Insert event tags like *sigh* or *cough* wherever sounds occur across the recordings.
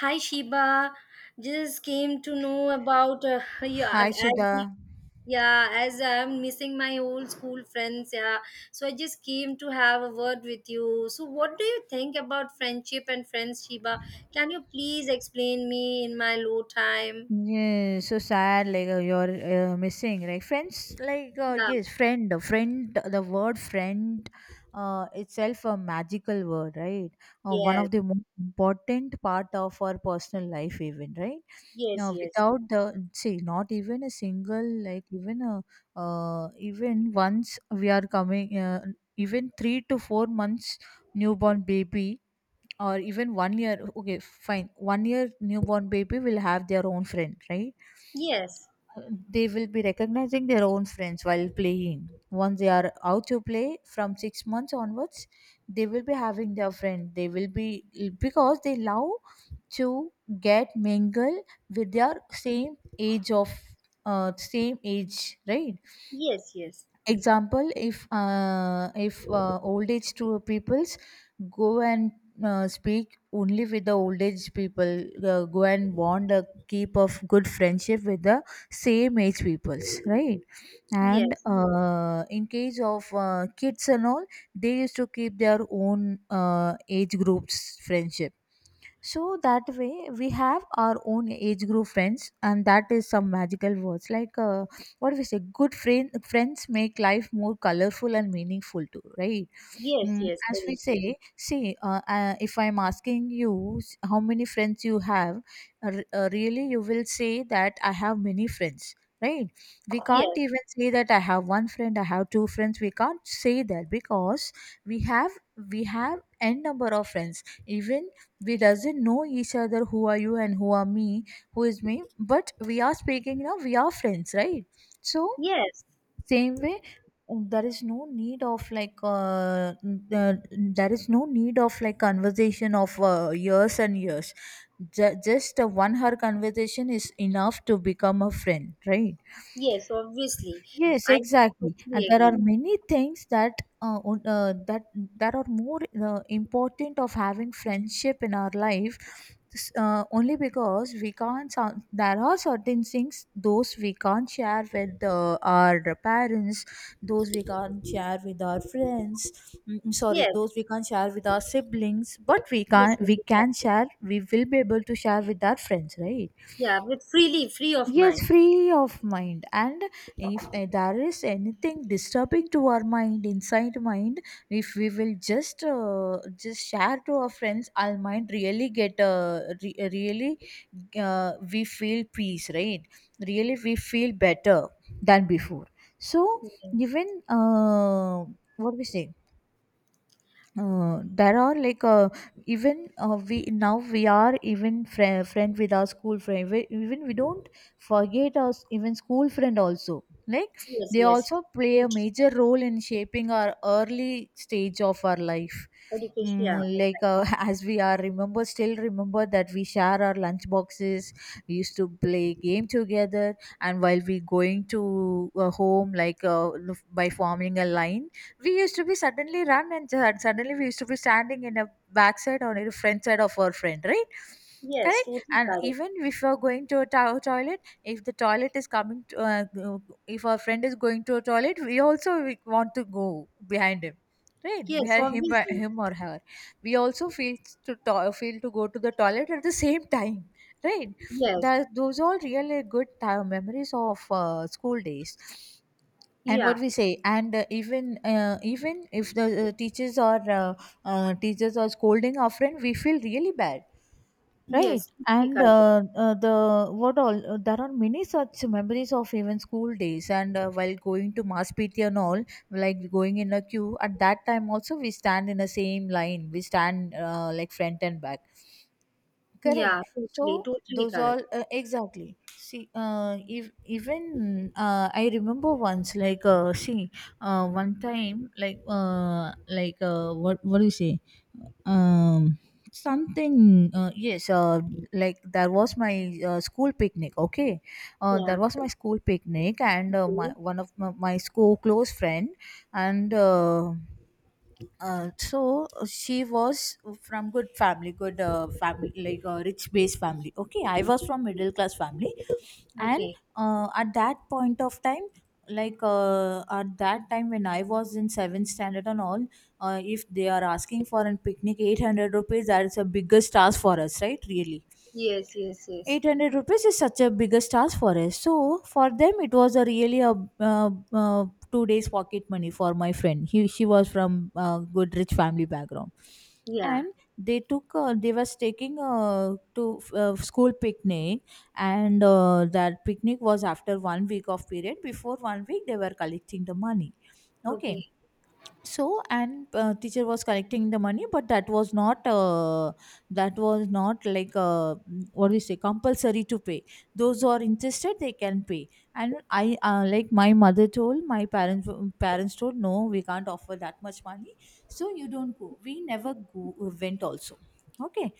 Hi Shiba. Just came to know about, yeah, Hi, as Sudha. yeah, as I'm missing my old school friends, yeah, so I just came to have a word with you. So what do you think about friendship and friends, Shiba? Can you please explain me in my low time? Yeah, so sad. Like you're missing, right? Friends, like Yeah. yes, friend. The word friend, itself a magical word, right? One Yes. of the most important part of our personal life, even, right? Yes. Now, Yes. without the see, not even a single, like even a, even once we are coming, even 3 to 4 months newborn baby, or even one year, okay fine, one year newborn baby will have their own friend, right? Yes. Uh, they will be recognizing their own friends while playing once they are out to play from 6 months onwards. They will be having their friend. They will be, because they love to get mingle with their same age of same age, right? Yes. Example, if old age to peoples go and speak only with the old age people, go and bond a keep of good friendship with the same age peoples, right? And Yes. In case of kids and all, they used to keep their own age groups friendship, so that way we have our own age group friends, and that is some magical words like what we say. Good friends make life more colorful and meaningful too, right? Yes. Mm, Yes. Yes. as we Very true. say, see, if I'm asking you how many friends you have, really you will say that I have many friends, right? We can't Yes. even say that I have one friend, I have two friends. We can't say that, because we have we have n number of friends. Even we doesn't know each other, who are you and who is me, but we are speaking now, we are friends, right? So Yes. same way, there is no need of like uh, uh, there is no need of like conversation of years and years. Just a one hour conversation is enough to become a friend, right? Yes. Obviously, Yes, I exactly. totally And there are agree. many things that on- that that are more important of having friendship in our life. Only because we can't. There are certain things those we can't share with our parents. Those we can't share with our friends. Sorry, Yes. those we can't share with our siblings. But we can. Yes. Yes. We can Exactly. share. We will be able to share with our friends, right? Yeah, with freely, free of Yes, mind. free of mind. And if there is anything disturbing to our mind, inside mind, if we will just share to our friends, our mind really get really, we feel peace, right? Really, we feel better than before. So Yes. even what we say, there are like even we now we are even friend with our school friend even we don't forget even school friend also, like Yes, they yes. also play a Totally. major role in shaping our early stage of our life. Education, yeah. Mm, like uh, *laughs* as we are remember still remember that we share our lunch boxes, we used to play game together, and while we going to home, like by forming a line, we used to be suddenly run and and suddenly we used to be standing in a backside or in a front side of our friend, right? Yes, Correct. totally And correct. even if you're going to a toilet, if the toilet is coming to if our friend is going to a toilet, we want to go behind him, right? Yes, Behind him, obviously. him or her, we also feel to feel to go to the toilet at the same time, right? Yes, That those are really good time memories of school days. And what yeah. we say, and even even if the teachers are scolding our friend, we feel really bad, right? Yes, totally And correct. The what all there are many such memories of even school days. And while going to mass pt and all, like going in a queue, at that time also we stand in the same line, we stand like front and back. Correct. Yeah, totally, So totally those correct. all exactly. See, if even I remember once, like, see, one time, like, what do you say? Um, Something. Yes. Like there was my school picnic. Okay. Yeah. There was my school picnic, and my Okay. one of my, my school close friend, and. So she was from good family good family, like a rich based family. Okay, I was from middle class family. And Okay. uh, at that point of time at that time when I was in 7th standard and all. If they are asking for a picnic, 800 rupees, that's a biggest task for us, right? Really, Yes, yes, yes. 800 rupees is such a biggest task for us. So for them it was a really a uh, uh, 2 days pocket money for my friend. He she was from good rich family background. Yeah. And they was taking to school picnic. And that picnic was after one week of period. Before one week they were collecting the money. Okay. Okay. So, and teacher was collecting the money, but that was not like mm, what do we say, compulsory to pay. Those who are interested they can pay. And I like, my mother told, my parents told no, we can't offer that much money, so you don't go. We never go, went also. Okay.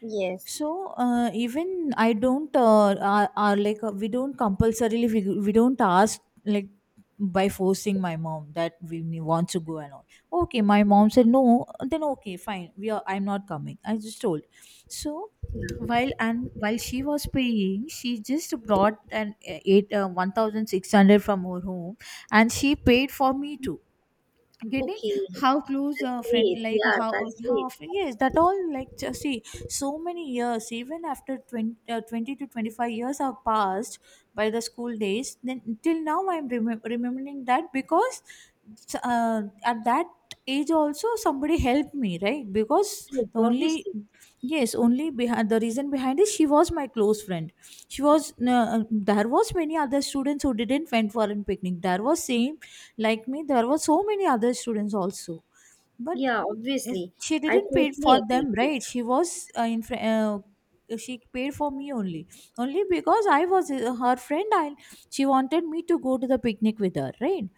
Yes. So even I don't are like we don't compulsorily, we don't ask like by forcing my mom that we want to go and all. Okay, my Okay. mom said no. Then okay, fine. We are. I'm not coming. I just told. So Yeah. While she was paying, she just brought an eight 1,600 from her home, and she paid for me too. Getting Okay. how close a That's friend, great. like Yeah, how that's great. often. Yes, that all, like just see, so many years, even after 20 to 25 years have passed by the school days. Then till now I'm remembering that because at that age also somebody helped me, right? Because Yes, the only. obviously. Yes, only behind, the reason behind is she was my close friend. She was There was many other students who didn't went for a picnic. There was same like me, there were so many other students also, but Yeah, uh, obviously. she I didn't pay for totally agree. them, right? She was in fr- she paid for me only, only because I was her friend. I she wanted me to go to the picnic with her, right?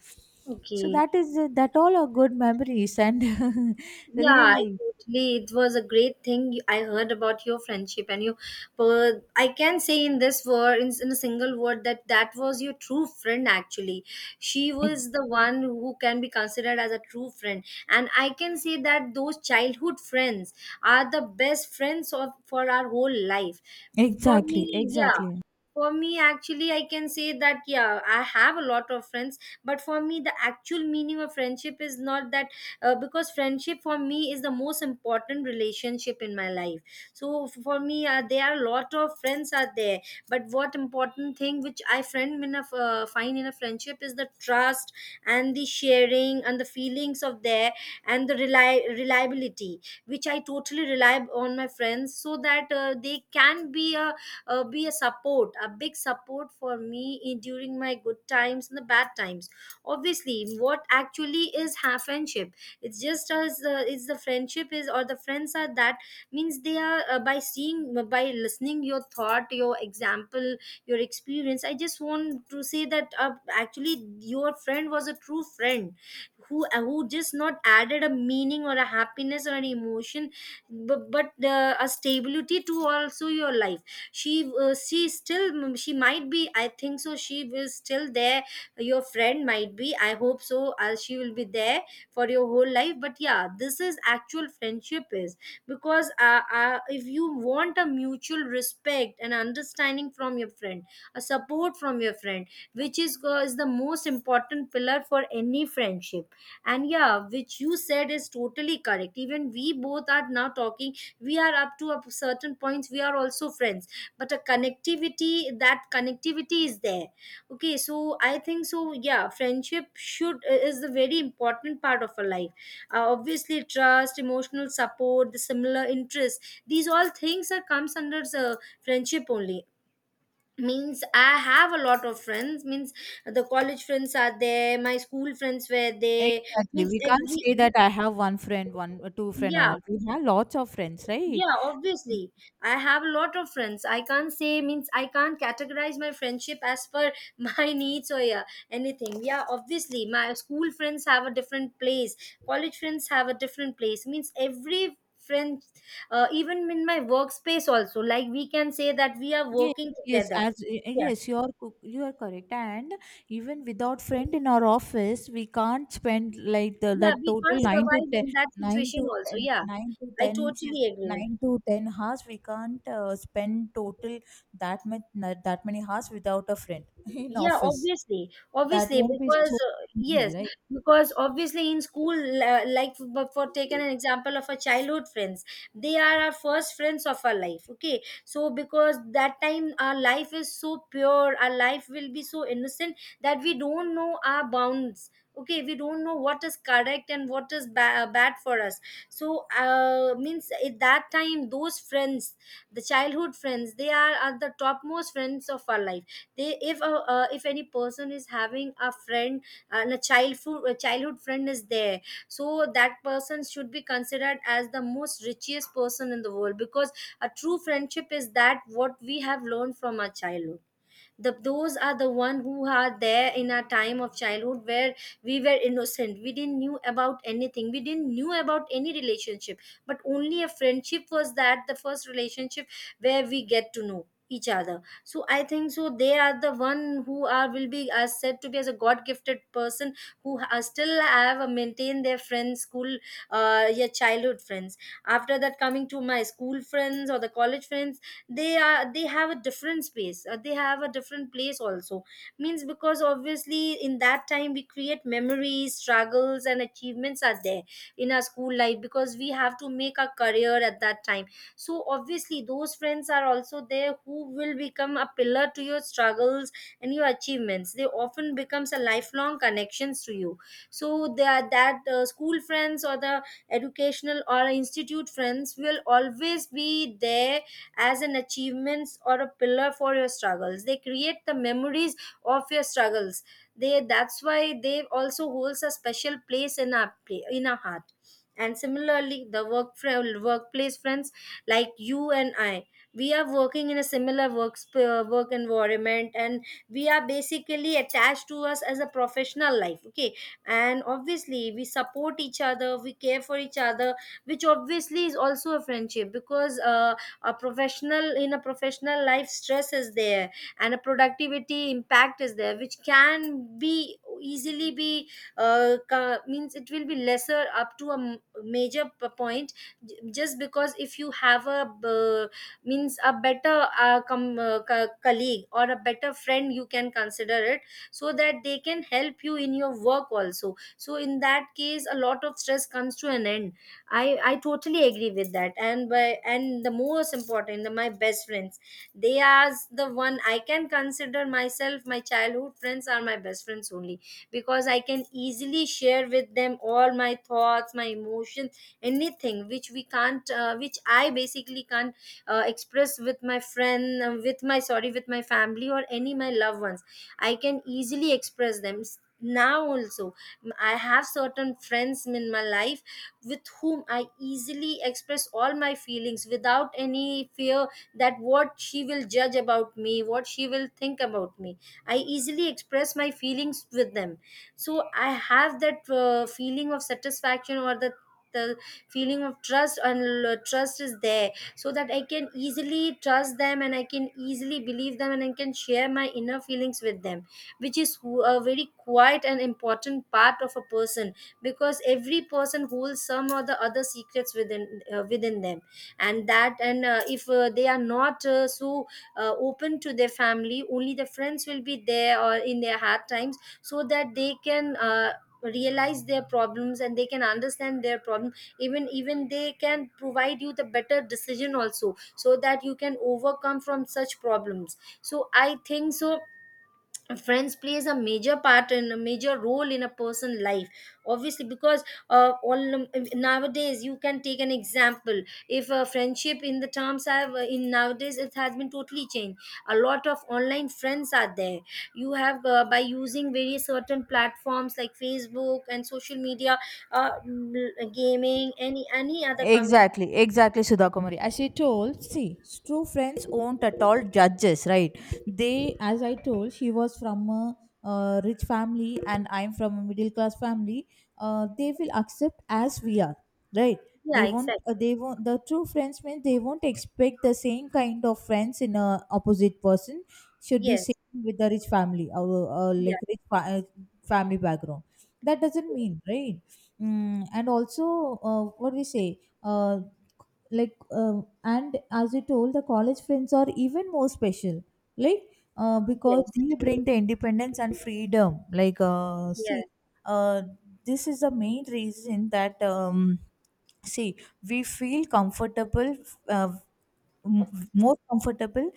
So Okay. that is that all are good memories, and *laughs* Yeah, I really, totally. It was a great thing I heard about your friendship and you. But I can say in this word, in a single word, that that was your true friend. Actually, she was Ex- the one who can be considered as a true friend, and I can say that those childhood friends are the best friends of for our whole life. For exactly, me, yeah, exactly. for me, actually, I can say that yeah, I have a lot of friends, but for me, the actual meaning of friendship is not that, because friendship for me is the most important relationship in my life. So for me, there are a lot of friends are there, but what important thing which I friend in a find in a friendship is the trust and the sharing and the feelings of there and the reliability, which I totally rely on my friends so that they can be a, be a support, a big support for me in, during my good times and the bad times. Obviously, what actually is friendship, it's just as, it's the friendship is or the friends are that, means they are, by seeing, by listening your thought, your example, your experience, I just want to say that, actually your friend was a true friend who, just not added a meaning or a happiness or an emotion, but a stability to also your life. She still, she might be, I think so she will still there. Your friend might be, I hope so, she will be there for your whole life, but yeah, this is actual friendship is, because if you want a mutual respect and understanding from your friend, a support from your friend, which is the most important pillar for any friendship. And yeah, which you said is totally correct. Even we both are now talking, we are up to a certain points, we are also friends, but a connectivity, that connectivity is there. Okay, so I think so, yeah, friendship should is a very important part of our life. Obviously, trust, emotional support, the similar interests, these all things are comes under the friendship only. Means I have a lot of friends. Means the college friends are there, my school friends were there, Exactly. means We can't every, say that I have one friend, one two friend or yeah. not. We have lots of friends, right? Yeah, obviously. I have a lot of friends. I can't say, means I can't categorize my friendship as per *laughs* my needs or yeah, anything. Yeah, obviously. My school friends have a different place. College friends have a different place. Means every friend, even in my workspace also, like we can say that we are Yes, working yes, together. Yeah. yes, you are correct. And even without friend in our office, we can't spend like Yeah, that we total can't survive in that situation also. Yeah. I totally agree. 9 to 10 hours. We can't spend total that much that many hours without a friend *laughs* in Yeah, office. obviously, That obviously, won't be because, so yes, easy, right? because obviously in school, but for taken an example of our childhood friends, they are our first friends of our life. Okay, so because that time our life is so pure, our life will be so innocent that we don't know our bounds. Okay, we don't know what is correct and what is bad for us. So, means at that time, those friends, the childhood friends, they are the topmost friends of our life. They, if a, if any person is having a friend and a childhood friend is there, so that person should be considered as the most richest person in the world, because a true friendship is that what we have learned from our childhood. Those are the one who are there in our time of childhood, where we were innocent, we didn't knew about anything, we didn't knew about any relationship, but only a friendship was that the first relationship where we get to know each other. So I think so they are the one who are will be as said to be as a god gifted person who are still have, maintained their friends school, your childhood friends. After that, coming to my school friends or the college friends, they have a different space, they have a different place also. Means because obviously in that time we create memories, struggles and achievements are there in our school life, because we have to make a career at that time. So obviously those friends are also there who will become a pillar to your struggles and your achievements. They often becomes a lifelong connections to you. So that school friends or the educational or institute friends will always be there as an achievements or a pillar for your struggles. They create the memories of your struggles, they that's why they also holds a special place in our in our heart. And similarly, the work workplace friends, like you and I, we are working in a similar work environment, and we are basically attached to us as a professional life. Okay, and obviously, we support each other, we care for each other, which obviously is also a friendship, because, a professional, in a professional life, stress is there, and a productivity impact is there which can be easily be, means it will be lesser up to a major point, just because if you have a means a better, colleague or a better friend, you can consider it, so that they can help you in your work also. So in that case, a lot of stress comes to an end. I totally agree with that. And by and the most important, my best friends, they are the one I can consider myself. My childhood friends are my best friends only, because I can easily share with them all my thoughts, my emotions, anything which we can't, which I basically can't, express with my friend, with my, sorry, with my family or any my loved ones. I can easily express them. Now also, I have certain friends in my life with whom I easily express all my feelings without any fear that what she will judge about me, what she will think about me. I easily express my feelings with them. So I have that, feeling of satisfaction, or the the feeling of trust and trust is there, so that I can easily trust them, and I can easily believe them, and I can share my inner feelings with them, which is a very quiet and important part of a person, because every person holds some or the other secrets within them. And that and if, they are not, so, open to their family, only the friends will be there or in their hard times, so that they can, realize their problems, and they can understand their problem. Even they can provide you the better decision also, so that you can overcome from such problems. So I think so friends plays a major part and a major role in a person's life. Obviously, because, all, nowadays, you can take an example. If a friendship in the terms have, in nowadays, it has been totally changed. A lot of online friends are there. You have, by using various certain platforms like Facebook and social media, gaming, any other community, Exactly, exactly, Sudha Kumari. As she told, see, true friends won't at all judges, right? As I told, she was from a, rich family, and I'm from a middle class family. They will accept as we are, right? yeah, They won't. Exactly, They won't. The true friends mean they won't expect the same kind of friends in a opposite person should be yes, same with the rich family, or yeah, like family background. That doesn't mean, right? Mm, and also, what we say uh, like and as you told, the college friends are even more special, like because yes, they bring the independence and freedom, like see, yes, uh, this is the main reason that see, we feel comfortable, uh, m- more comfortable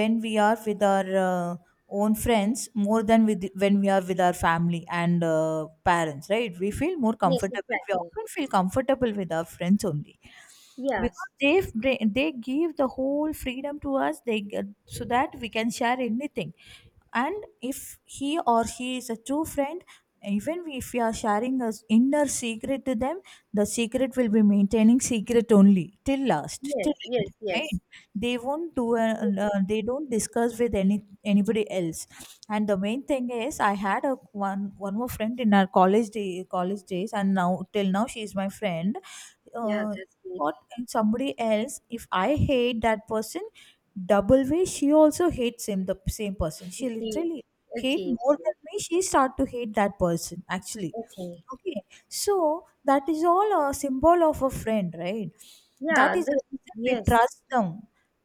when we are with our own friends more than with when we are with our family and parents, right? We feel more yes, comfortable, we exactly, often feel comfortable with our friends only, yes. because they bring, they give the whole freedom to us, so that we can share anything. And if he or she is a true friend, even if we are sharing a inner secret to them, the secret will be maintaining secret only till last, till Yes, end, yes, right? yes. They won't they don't discuss with anybody else. And the main thing is, I had a one more friend in our college days, and now till now she is my friend. Yeah, uh, that's great. what, somebody else, if I hate that person, double way she also hates him. The same person she Okay, literally hate okay, more okay. than me, she start to hate that person actually. Okay. Okay, so that is all a symbol of a friend, right? That Yeah, is the this, reason we yes, trust them.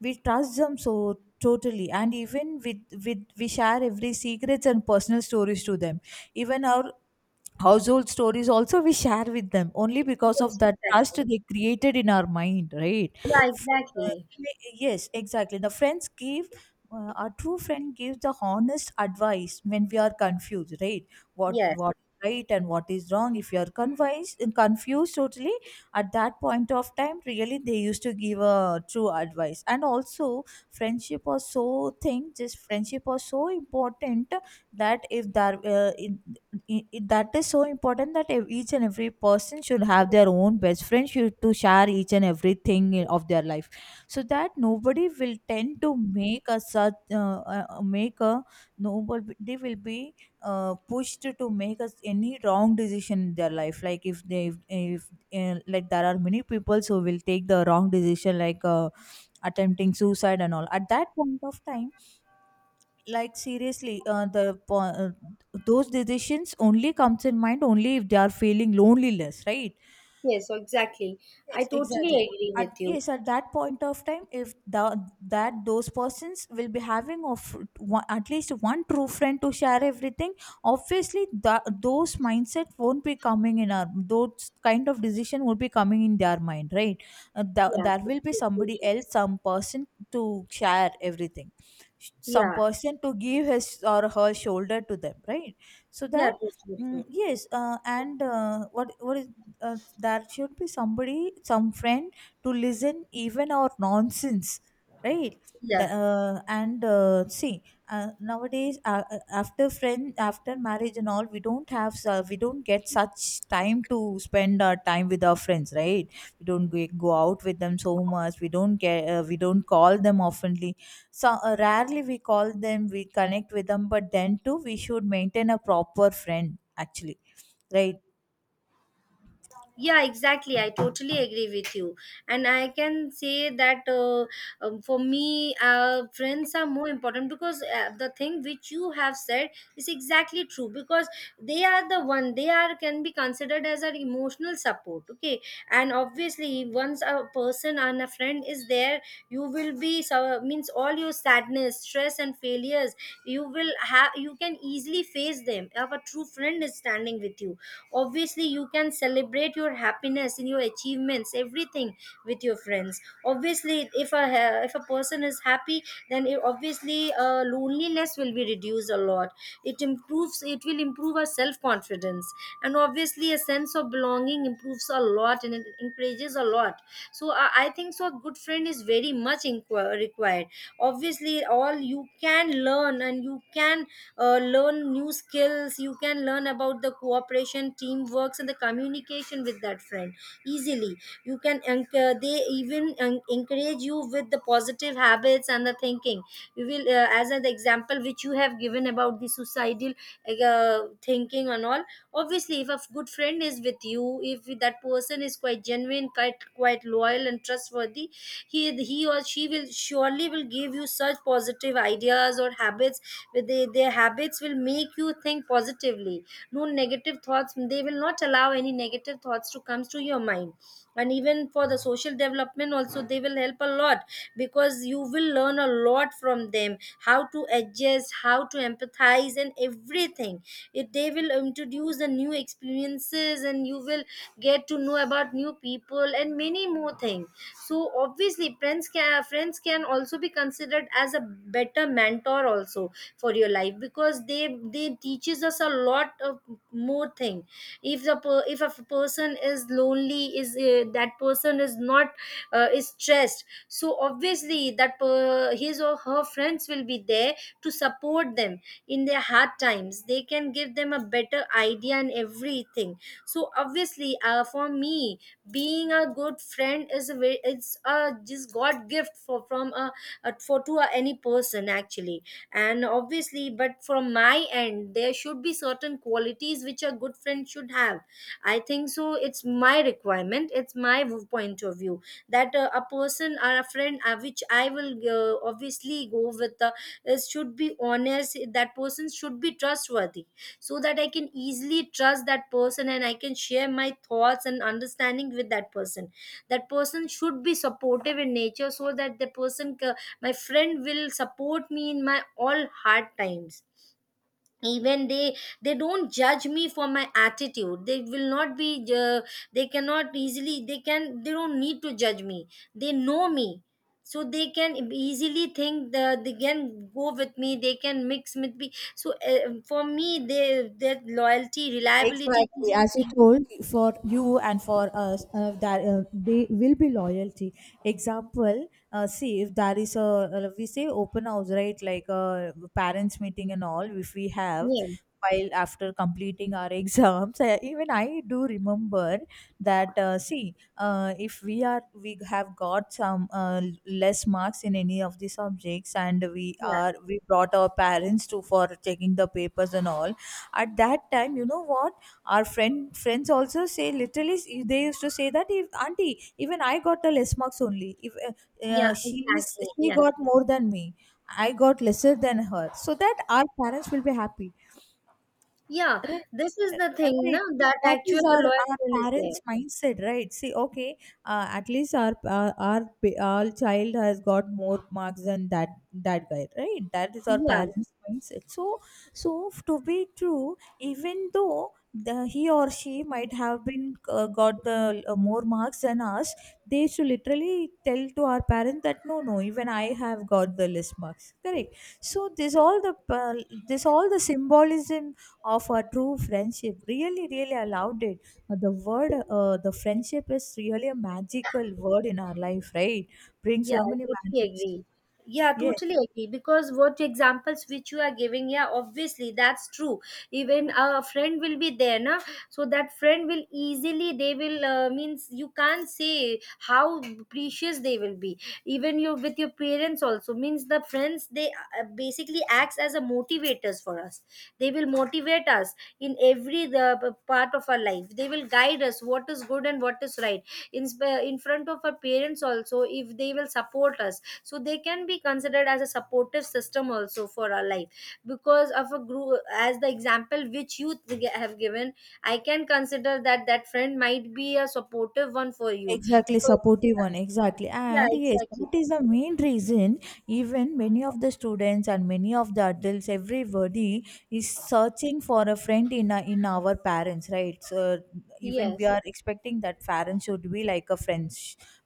We trust them so totally, and even with we share every secrets and personal stories to them. Even our household stories also we share with them only, because of yes, that trust exactly. they created in our mind, right? Yeah, uh, exactly. yes, exactly. The friends give. A true friend gives the honest advice when we are confused, right? What Yes, what right and what is wrong if you are confused, totally. At that point of time, really, they used to give a true advice. And also, friendship was so thing just friendship was so important that if there in- that is so important that each and every person should have their own best friend, should to share each and everything of their life, so that nobody will tend to make a such make a nobody will be pushed to make us any wrong decision in their life. Like if they if, like there are many people who will take the wrong decision, like attempting suicide and all. At that point of time, like seriously, those decisions only comes in mind only if they are feeling loneliness, right? yes, so exactly. I Yes, totally exactly. agree At, with you. yes, at that point of time, if the, that those persons will be having of one, at least one true friend to share everything, obviously the, those mindset won't be coming in our, those kind of decision won't be coming in their mind, right? The, Yeah, there will be totally, somebody totally. else, some person to share everything, some Yeah, person to give his or her shoulder to them, right? So yeah, that, totally mm, true. yes, and what is uh, there should be somebody, some friend to listen even our nonsense, right? the, Yeah, and see, nowadays, after marriage and all, we don't have, we don't get such time to spend our time with our friends, right? We don't go out with them so much, we don't get, we don't call them oftenly. So rarely we call them, we connect with them, but then too we should maintain a proper friend actually, right? yeah, exactly. I totally agree with you. And I can say that, for me, friends are more important, because the thing which you have said is exactly true. Because they are the one, they are can be considered as an emotional support, okay. And obviously, once a person and a friend is there, you will be so, means all your sadness, stress and failures, you will have, you can easily face them if a true friend is standing with you. Obviously, you can celebrate your happiness in your achievements, everything with your friends. Obviously, if a person is happy, then it obviously, loneliness will be reduced a lot. It improves, it will improve our self confidence. And obviously, a sense of belonging improves a lot and it encourages a lot. So I think so a good friend is very much required. Obviously, all you can learn, and you can learn new skills. You can learn about the cooperation, teamworks, and the communication with that friend easily. They even encourage you with the positive habits and the thinking. We will As an example which you have given about the suicidal thinking and all. Obviously, if a good friend is with you, if that person is quite genuine, quite loyal and trustworthy, he or she will surely will give you such positive ideas or habits. With their habits, will make you think positively. No negative thoughts, they will not allow any negative thoughts to come to your mind. And even for the social development also, they will help a lot, because you will learn a lot from them how to adjust, how to empathize, and everything. They will introduce the new experiences, and you will get to know about new people and many more things. So obviously, friends can also be considered as a better mentor also for your life, because they teaches us a lot of more thing. If if a person is lonely, is that person is not, is stressed, so obviously that his or her friends will be there to support them in their hard times. They can give them a better idea and everything. So obviously, for me, being a good friend is a very, it's a just god gift for from a for to a, any person actually. And obviously, but from my end, there should be certain qualities which a good friend should have. I think so it's my requirement, it's my point of view, that a person or a friend, which I will, obviously go with, is should be honest, that person should be trustworthy, so that I can easily trust that person and I can share my thoughts and understanding with that person. That person should be supportive in nature, so that my friend will support me in my all hard times. Even they don't judge me for my attitude, they will not be, uh, they cannot easily, they don't need to judge me. They know me, so they can easily think they can go with me, they can mix with me. So for me, they, their loyalty, reliability is Exactly, all as you things. told, for you and for us, that they will be loyalty. Example, see, if there is a, we say open house, right? Like a parents meeting and all. If we have, Yeah, while after completing our exams, even I do remember that. See, if we are, we have got some less marks in any of the subjects, and yeah, we brought our parents to for checking the papers and all, at that time, you know what, our friends also say literally, they used to say that, if auntie, even I got the less marks only. If yeah, She is, exactly. she Yeah. got more than me, I got lesser than her, so that our parents will be happy. Yeah, Right, this uh, is the thing now right. that That actual is our loyalty is parents' there. mindset, right? See, okay, at least our child has got more marks than that guy, right? That is our Yeah, parents' mindset. So, so, to be true, even though the he or she might have been got the more marks than us, they should literally tell to our parents that no, no, even I have got the less marks, correct? So this all the, this all the symbolism of a true friendship. Really, really, I loved it. The word, the friendship is really a magical word in our life, right? Brings yeah, so I many totally magics. agree. Yeah, Yes, totally agree. Because what examples which you are giving, yeah, obviously that's true. Even a friend will be there, na, so that friend will easily, they will, means you can't say how precious they will be. Even you with your parents also, means the friends they basically acts as a motivators for us, they will motivate us in every the part of our life. They will guide us what is good and what is right. In in front of our parents also, if they will support us, so they can be considered as a supportive system also for our life. Because of a group, as the example which you have given, I can consider that friend might be a supportive one for you. exactly. So, Supportive one, exactly. yeah, And yes, exactly. that is the main reason. Even many of the students and many of the adults, everybody is searching for a friend in our parents, right? So even we Yes. are expecting that parents should be like a friend,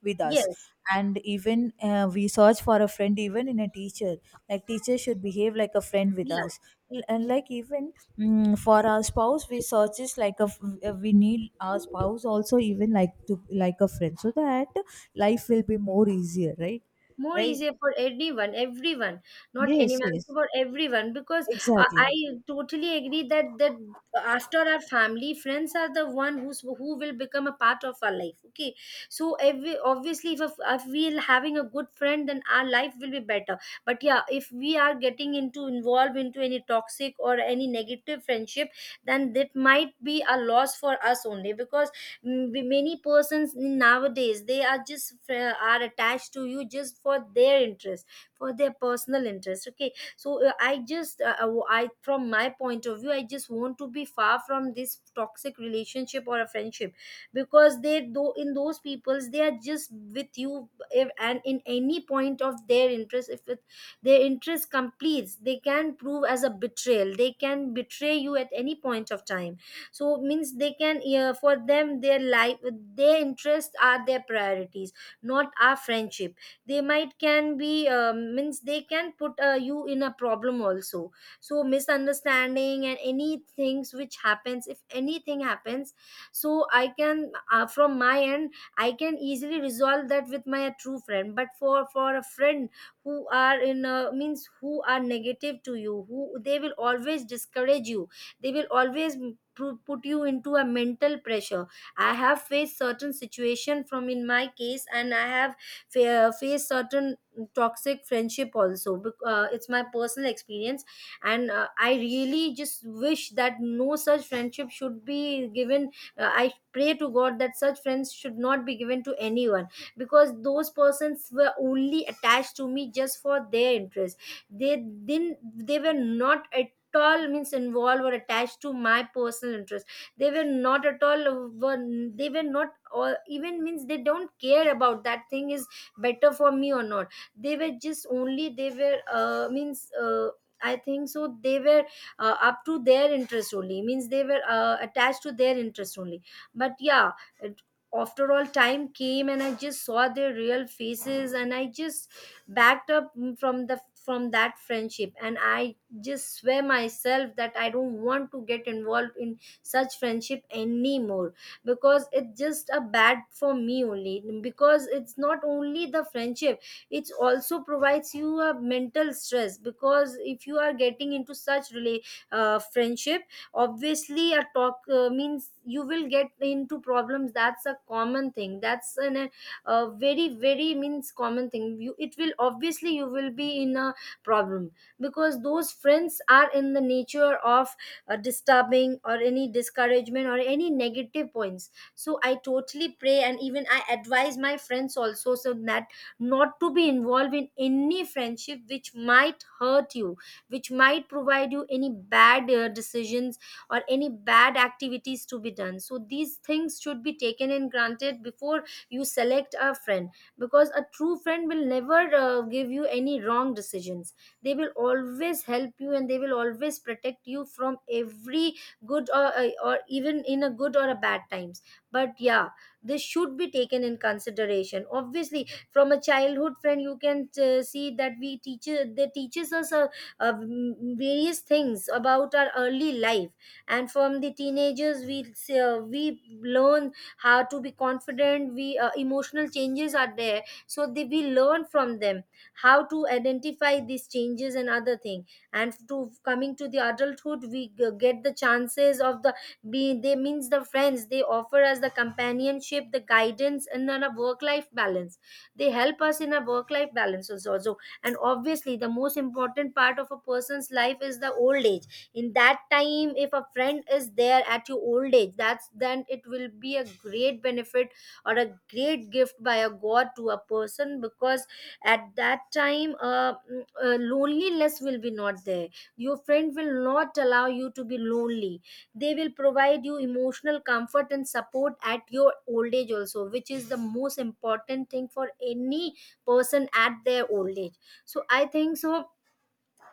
with us. Yes. And even we search for a friend even in a teacher, like teacher should behave like a friend with Yeah. us. And like even, mm, for our spouse we search, is like a we need our spouse also even like to, like a friend, so that life will be more easier, right? More Right, easier for anyone, everyone. Not yes, anyone, yes, for everyone, because I exactly. totally agree that after our family, friends are the one who will become a part of our life, okay. So every obviously, if we're having a good friend, then our life will be better. But yeah, if we are getting into involved into any toxic or any negative friendship, then that might be a loss for us only. Because many persons nowadays, they are just, are attached to you just for their interest, for their personal interest, okay. So I just, I, from my point of view, I just want to be far from this toxic relationship or a friendship, because they though in those peoples, they are just with you if, and in any point of their interest, if it, their interest completes, they can prove as a betrayal, they can betray you at any point of time. So, means they can, for them, their life, their interests are their priorities, not our friendship. They might can be, means they can put, you in a problem also. So misunderstanding and any things which happens, if anything happens, so I can, from my end, I can easily resolve that with my true friend. But for a friend who are in, means who are negative to you, who they will always discourage you, they will always put you into a mental pressure. I have faced certain situation from in my case, and I have faced certain toxic friendship also, it's my personal experience. And I really just wish that no such friendship should be given. I pray to god that such friends should not be given to anyone, because those persons were only attached to me just for their interest. They didn't, they were not at all, means involved or attached to my personal interest. They were not at all they were not, or even means they don't care about that thing is better for me or not. They were just only, they were, means, I think so they were, up to their interest only. Means they were, attached to their interest only. But yeah, it, after all time came, and I just saw their real faces, and I just backed up from the from that friendship. And I just swear myself that I don't want to get involved in such friendship anymore, because it's just a bad for me only. Because it's not only the friendship, it also provides you a mental stress, because if you are getting into such friendship, obviously a talk, means you will get into problems. That's a common thing, that's an, a very very means common thing. You, it will obviously, you will be in a problem, because those friends are in the nature of, disturbing or any discouragement or any negative points. So I totally pray, and even I advise my friends also, so that not to be involved in any friendship which might hurt you, which might provide you any bad, decisions or any bad activities to be done. So these things should be taken and granted before you select a friend, because a true friend will never, give you any wrong decisions. They will always help you, and they will always protect you from every good or even in a good or a bad times. But yeah, this should be taken in consideration. Obviously, from a childhood friend you can, see that we teach they teaches us, uh, various things about our early life. And from the teenagers, we learn how to be confident. We Emotional changes are there, so we learn from them how to identify these changes and other thing. And to coming to the adulthood, we get the chances of the, be they means the friends, they offer us the companionship, the guidance, and then a work life balance. They help us in a work life balance also. So, and obviously, the most important part of a person's life is the old age. In that time if a friend is there at your old age, that's then it will be a great benefit or a great gift by a god to a person, because at that time, loneliness will be not there. Your friend will not allow you to be lonely. They will provide you emotional comfort and support at your old age also, which is the most important thing for any person at their old age. So I think so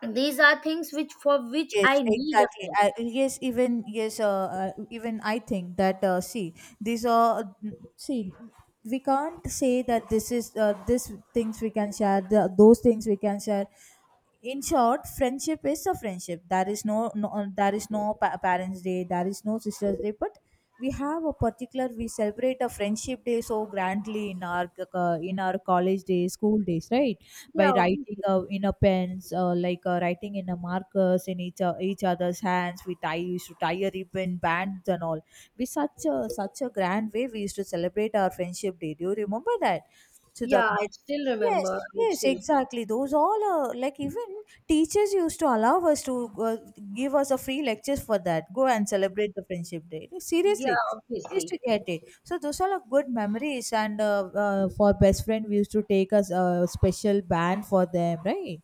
these are things which for which Yes, I need a exactly. friend. I, yes, even I think that, see, these are, see, we can't say that this is, this things we can share, the, those things we can share. In short, friendship is a friendship. There is no, no, there is no parents day, there is no sisters day, but we have a particular, we celebrate a friendship day so grandly in our, in our college days, school days, right? By Yeah, writing, obviously. In a pens, like, writing in a markers in each, each other's hands, we tie used to tie a ribbon bands and all. We, such a, such a grand way we used to celebrate our friendship day. Do you remember that, Yeah, Sudhakma? I still remember, Yes, I yes, still exactly. Those all are like, even teachers used to allow us to, give us a free lectures for that. Go and celebrate the friendship day. Like, seriously, yeah, we used to obviously. get it. So those all are good memories. And, for best friend, we used to take us a special band for them, right?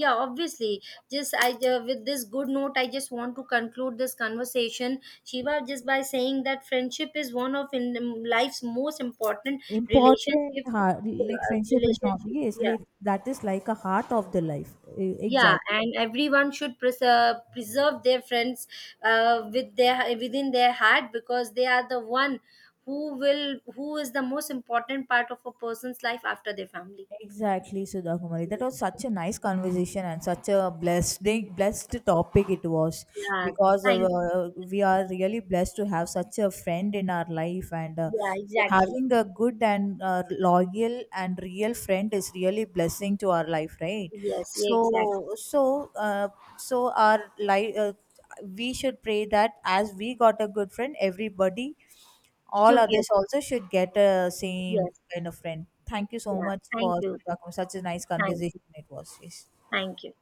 Yeah, obviously. Just I With this good note, I just want to conclude this conversation, Shiva, just by saying that friendship is one of, in life's most important Important, relationship heart, like friendship is not, relationship, yes. yeah. That is like a heart of the life. Yeah, Exactly. and everyone should preserve their friends, within their heart, because they are the one who will, who is the most important part of a person's life after their family. Exactly, Sudha Kumari. So, That was such a nice conversation, and such a blessed, blessed topic it was, yeah, because thank we are really blessed to have such a friend in our life. And yeah, so exactly. having a good and loyal and real friend is really blessing to our life, right? Yes. Yeah, exactly. So, so, so our life, we should pray that, as we got a good friend, everybody, all Should, others yes, also should get a same yes, kind of friend. Thank you so yeah. much Thank for you, such a, such a nice thank conversation you, it was. Yes. thank you.